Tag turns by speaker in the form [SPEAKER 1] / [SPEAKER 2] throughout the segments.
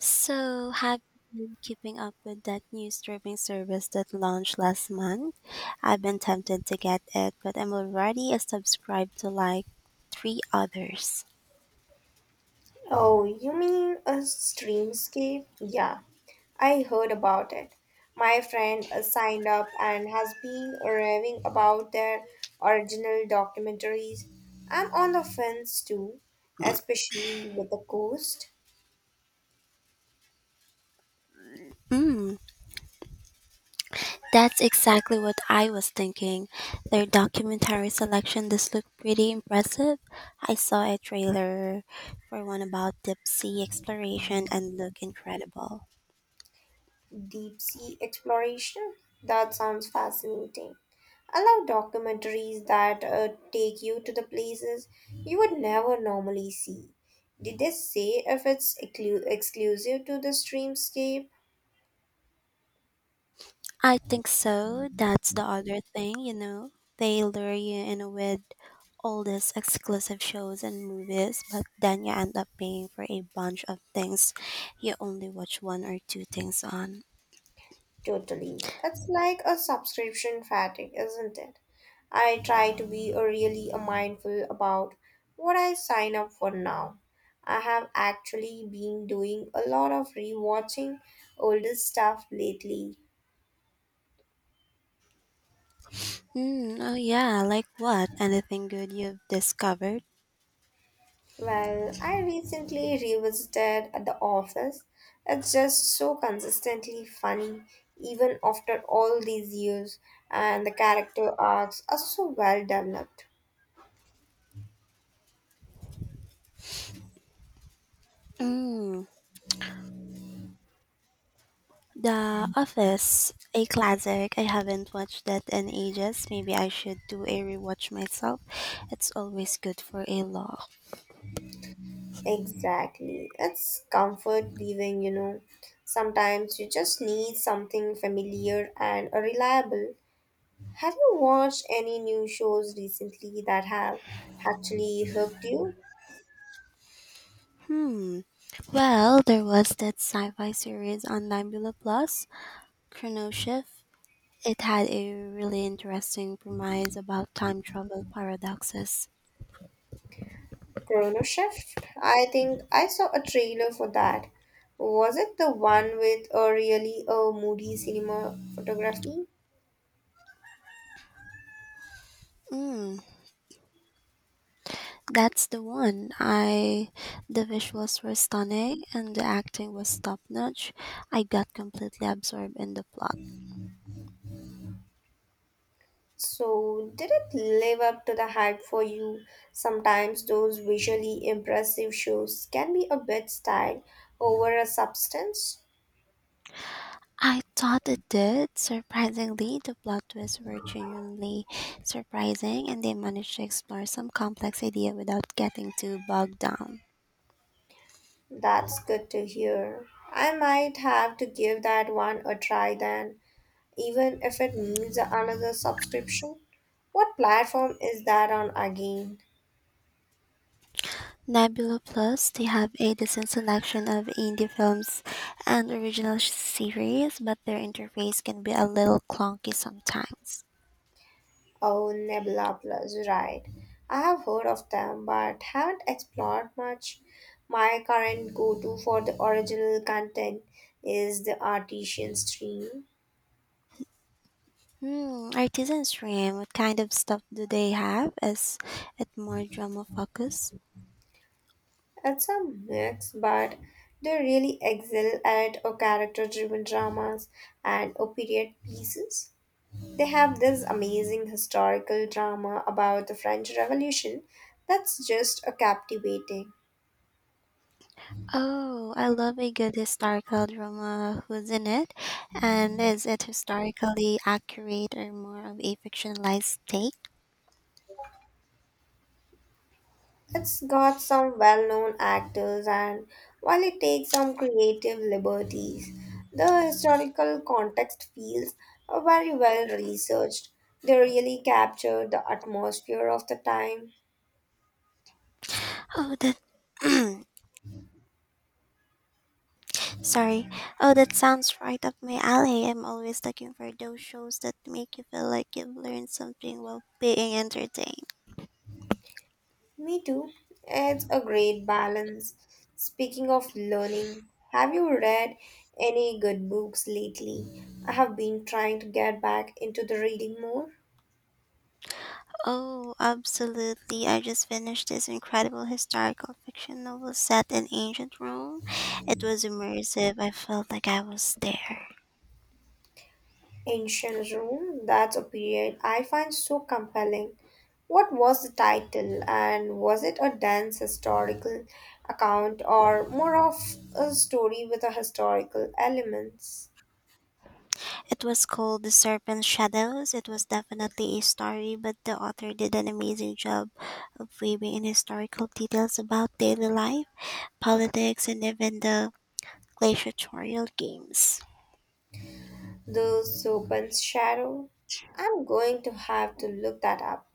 [SPEAKER 1] So, have you been keeping up with that new streaming service that launched last month? I've been tempted to get it, but I'm already subscribed to like three others.
[SPEAKER 2] Oh, you mean a streamscape? Yeah, I heard about it. My friend signed up and has been raving about their original documentaries. I'm on the fence too, especially with the coast.
[SPEAKER 1] Mm, that's exactly what I was thinking. Their documentary selection does look pretty impressive. I saw a trailer for one about deep sea exploration and looked incredible.
[SPEAKER 2] Deep sea exploration? That sounds fascinating. I love documentaries that take you to the places you would never normally see. Did they say if it's exclusive to the streamscape?
[SPEAKER 1] I think so. That's the other thing. They lure you in with all these exclusive shows and movies, but then you end up paying for a bunch of things you only watch one or two things on.
[SPEAKER 2] Totally. It's like a subscription fatigue, isn't it? I try to be really mindful about what I sign up for now. I have actually been doing a lot of rewatching older stuff lately.
[SPEAKER 1] Mm, oh, yeah, like what? Anything good you've discovered?
[SPEAKER 2] Well, I recently revisited at The Office. It's just so consistently funny, even after all these years, and the character arcs are so well developed.
[SPEAKER 1] Mm, The Office, a classic. I haven't watched that in ages. Maybe I should do a rewatch myself. It's always good for a laugh.
[SPEAKER 2] Exactly. It's comfort viewing. Sometimes you just need something familiar and reliable. Have you watched any new shows recently that have actually hooked you?
[SPEAKER 1] Hmm. Well, there was that sci-fi series on Nebula Plus, Chrono Shift. It had a really interesting premise about time travel paradoxes.
[SPEAKER 2] Chrono Shift? I think I saw a trailer for that. Was it the one with a really a moody cinema photography?
[SPEAKER 1] Mm, that's the one. I the visuals were stunning and the acting was top notch. I got completely absorbed in the plot.
[SPEAKER 2] So, did it live up to the hype for you? Sometimes those visually impressive shows can be a bit style over a substance.
[SPEAKER 1] I thought it did. Surprisingly, the plot twists were genuinely surprising and they managed to explore some complex idea without getting too bogged down.
[SPEAKER 2] That's good to hear. I might have to give that one a try then, even if it needs another subscription. What platform is that on again?
[SPEAKER 1] Nebula Plus, they have a decent selection of indie films and original series, but their interface can be a little clunky sometimes.
[SPEAKER 2] Oh, Nebula Plus, right. I have heard of them but haven't explored much. My current go to for the original content is the Artesian Stream.
[SPEAKER 1] Hmm, Artisan Stream, what kind of stuff do they have? Is it more drama focused?
[SPEAKER 2] It's a mix, but they really excel at a character driven dramas and a period pieces. They have this amazing historical drama about the French Revolution that's just a captivating.
[SPEAKER 1] Oh, I love a good historical drama. Who's in it? And is it historically accurate or more of a fictionalized take?
[SPEAKER 2] It's got some well known actors, and while it takes some creative liberties, the historical context feels very well researched. They really capture the atmosphere of the time.
[SPEAKER 1] Oh, that sorry. Oh, that sounds right up my alley. I'm always looking for those shows that make you feel like you've learned something while being entertained.
[SPEAKER 2] Me too. It's a great balance. Speaking of learning, have you read any good books lately? I have been trying to get back into the reading more.
[SPEAKER 1] Oh, absolutely. I just finished this incredible historical fiction novel set in ancient Rome. It was immersive. I felt like I was there.
[SPEAKER 2] Ancient Rome, that's a period I find so compelling. What was the title, and was it a dense historical account or more of a story with a historical elements?
[SPEAKER 1] It was called The Serpent's Shadows. It was definitely a story, but the author did an amazing job of weaving in historical details about daily life, politics, and even the gladiatorial games.
[SPEAKER 2] The Serpent's Shadow. I'm going to have to look that up.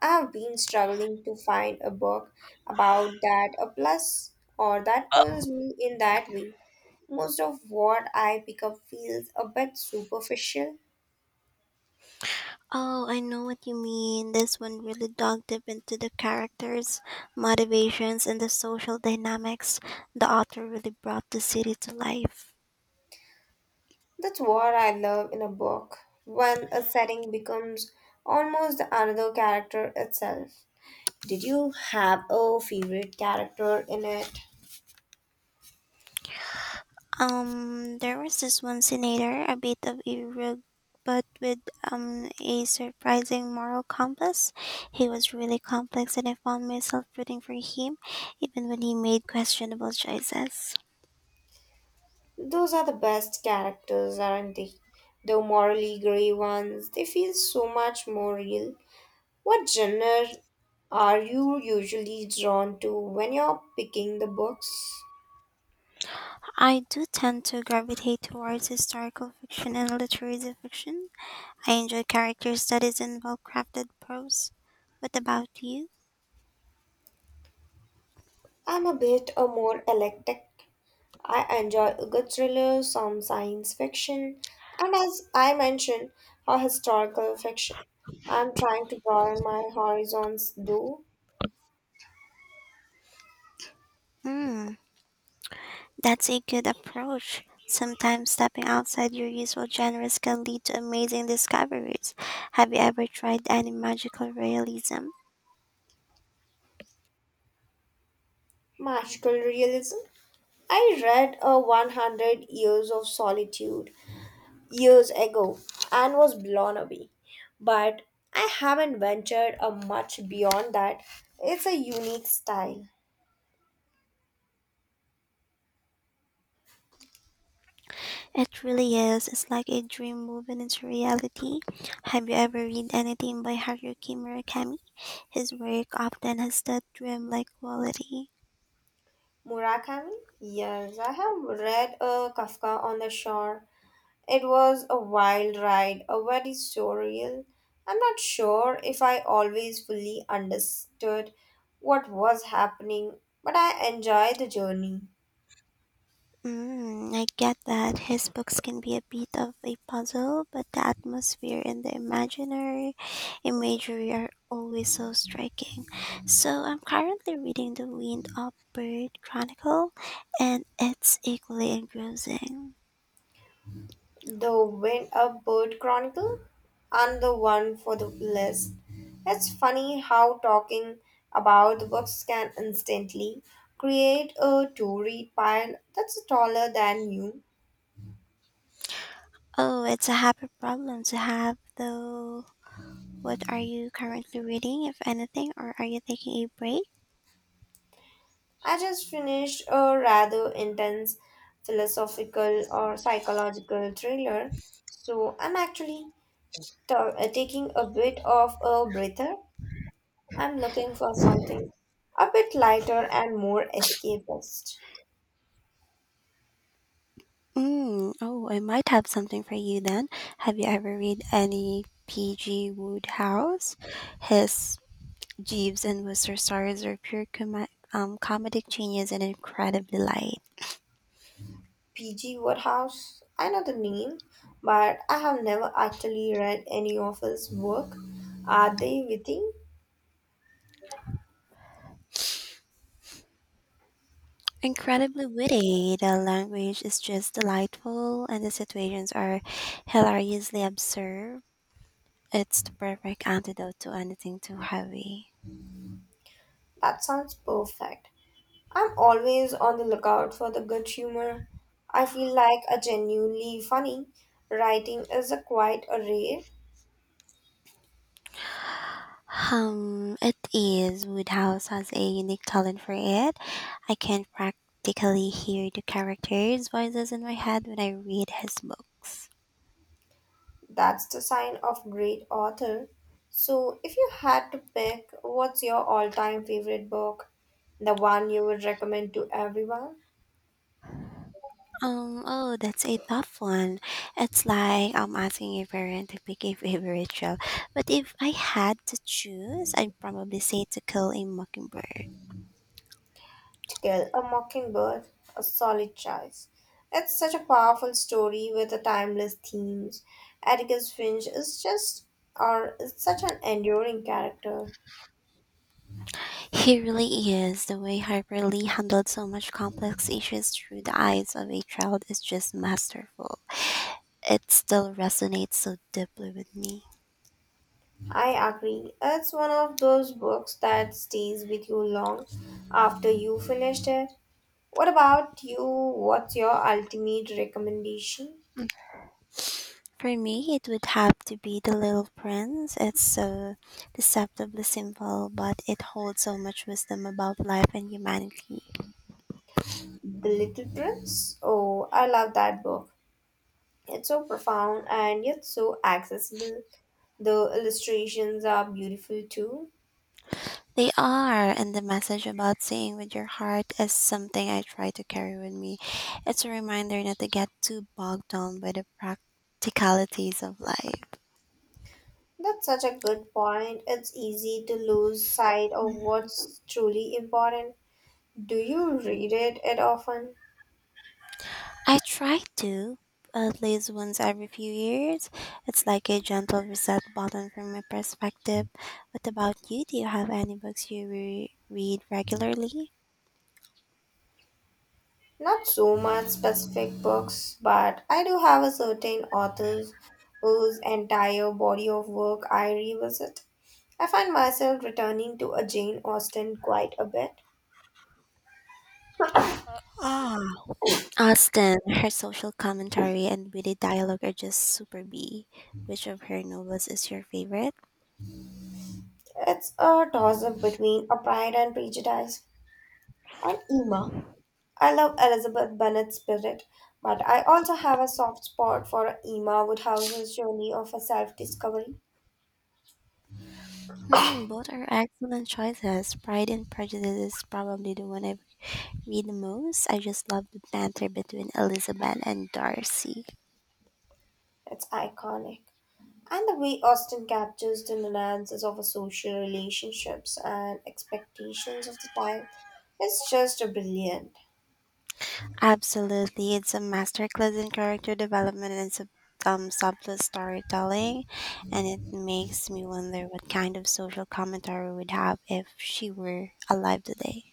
[SPEAKER 2] I've been struggling to find a book about that, a plus or that pulls me in that way. Most of what I pick up feels a bit superficial.
[SPEAKER 1] Oh, I know what you mean. This one really dug deep into the characters, motivations, and the social dynamics. The author really brought the city to life.
[SPEAKER 2] That's what I love in a book, when a setting becomes almost another character itself. Did you have a favorite character in it?
[SPEAKER 1] There was this one senator, a bit of a rogue, but with a surprising moral compass. He was really complex, and I found myself rooting for him, even when he made questionable choices.
[SPEAKER 2] Those are the best characters, aren't they? The morally grey ones, they feel so much more real. What genre are you usually drawn to when you're picking the books?
[SPEAKER 1] I do tend to gravitate towards historical fiction and literary fiction. I enjoy character studies and well crafted prose. What about you?
[SPEAKER 2] I'm a bit a more eclectic. I enjoy a good thriller, some science fiction, and as I mentioned, a historical fiction. I'm trying to broaden my horizons though.
[SPEAKER 1] Hmm, that's a good approach. Sometimes stepping outside your usual genres can lead to amazing discoveries. Have you ever tried any magical realism?
[SPEAKER 2] Magical realism. I read a 100 Years of Solitude years ago and was blown away, but I haven't ventured a much beyond that. It's a unique style.
[SPEAKER 1] It really is. It's like a dream moving into reality. Have you ever read anything by Haruki Murakami? His work often has that dreamlike quality.
[SPEAKER 2] Murakami? Yes, I have read a Kafka on the Shore. It was a wild ride, a very surreal. I'm not sure if I always fully understood what was happening, but I enjoyed the journey.
[SPEAKER 1] Mm, I get that his books can be a bit of a puzzle, but the atmosphere and the imaginary imagery are always so striking. So I'm currently reading The Wind Up Bird Chronicle, and it's equally engrossing.
[SPEAKER 2] The Wind Up Bird Chronicle and the one for the list. It's funny how talking about the books can instantly create a to read pile that's taller than you.
[SPEAKER 1] Oh, it's a happy problem to have, though. What are you currently reading, if anything, or are you taking a break?
[SPEAKER 2] I just finished a rather intense philosophical or psychological thriller, so I'm actually taking a bit of a breather. I'm looking for something a bit lighter and more escapist.
[SPEAKER 1] Mm, oh, I might have something for you then. Have you ever read any P.G. Woodhouse? His Jeeves and Wooster stories are pure comedic genius and incredibly light.
[SPEAKER 2] P.G. Woodhouse, I know the name, but I have never actually read any of his work. Are they witty?
[SPEAKER 1] Incredibly witty. The language is just delightful, and the situations are hilariously absurd. It's the perfect antidote to anything too heavy.
[SPEAKER 2] That sounds perfect. I'm always on the lookout for the good humor. I feel like a genuinely funny writing is a quite a rare.
[SPEAKER 1] It is. Woodhouse has a unique talent for it. I can practically hear the characters' voices in my head when I read his books.
[SPEAKER 2] That's the sign of great author. So, if you had to pick, what's your all-time favorite book? The one you would recommend to everyone?
[SPEAKER 1] Oh, that's a tough one. It's like I'm asking a parent to pick a favorite show. But if I had to choose, I'd probably say To Kill a Mockingbird.
[SPEAKER 2] To Kill a Mockingbird, a solid choice. It's such a powerful story with a timeless themes. Atticus Finch is just or is such an enduring character.
[SPEAKER 1] He really is. The way Harper Lee handled so much complex issues through the eyes of a child is just masterful. It still resonates so deeply with me.
[SPEAKER 2] I agree. It's one of those books that stays with you long after you finished it. What about you? What's your ultimate recommendation?
[SPEAKER 1] For me, it would have to be The Little Prince. It's so deceptively simple, but it holds so much wisdom about life and humanity.
[SPEAKER 2] The Little Prince? Oh, I love that book. It's so profound and yet so accessible. The illustrations are beautiful too.
[SPEAKER 1] They are, and the message about singing with your heart is something I try to carry with me. It's a reminder not to get too bogged down by the practicalities of life.
[SPEAKER 2] That's such a good point. It's easy to lose sight of what's truly important. Do you read it at often?
[SPEAKER 1] I try to at least once every few years. It's like a gentle reset button from my perspective. What about you? Do you have any books you read regularly?
[SPEAKER 2] Not so much specific books, but I do have a certain authors whose entire body of work I revisit. I find myself returning to a Jane Austen quite a bit.
[SPEAKER 1] Ah, Austen, her social commentary and witty dialogue are just super B. Which of her novels is your favorite?
[SPEAKER 2] It's a toss up between a Pride and Prejudice and Emma. I love Elizabeth Bennet's spirit, but I also have a soft spot for Emma Woodhouse's journey of a self discovery.
[SPEAKER 1] Hmm, both are excellent choices. Pride and Prejudice is probably the one I read the most. I just love the banter between Elizabeth and Darcy.
[SPEAKER 2] It's iconic. And the way Austen captures the nuances of our social relationships and expectations of the time is just brilliant.
[SPEAKER 1] Absolutely, it's a masterclass in character development and subtle storytelling, and it makes me wonder what kind of social commentary we'd have if she were alive today.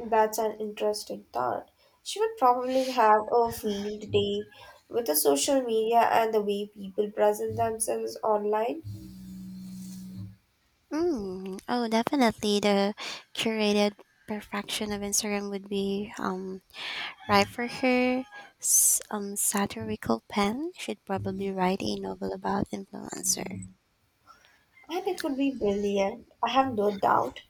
[SPEAKER 2] That's an interesting thought. She would probably have a field day with the social media and the way people present themselves online,
[SPEAKER 1] Mm, oh, definitely, the curated perfection of Instagram would be right for her. Satirical pen should probably write a novel about influencer.
[SPEAKER 2] and it would be brilliant. I have no doubt.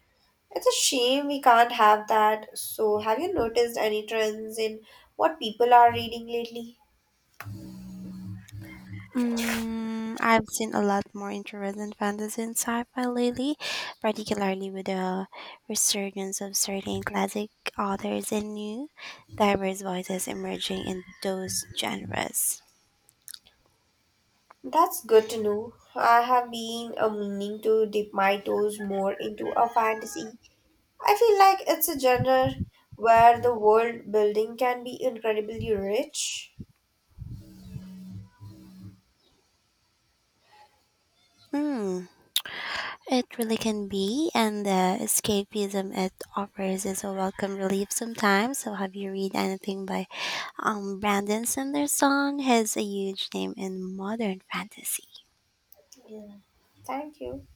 [SPEAKER 2] It's a shame we can't have that. So, have you noticed any trends in what people are reading lately?
[SPEAKER 1] Mm, I've seen a lot more interest in fantasy and sci-fi lately, particularly with the resurgence of certain classic authors and new, diverse voices emerging in those genres.
[SPEAKER 2] That's good to know. I have been a meaning to dip my toes more into a fantasy. I feel like it's a genre where the world building can be incredibly rich.
[SPEAKER 1] Mm, it really can be, and the escapism it offers is a welcome relief sometimes. So, have you read anything by Brandon Sanderson? He's a huge name in modern fantasy.
[SPEAKER 2] Yeah. Thank you.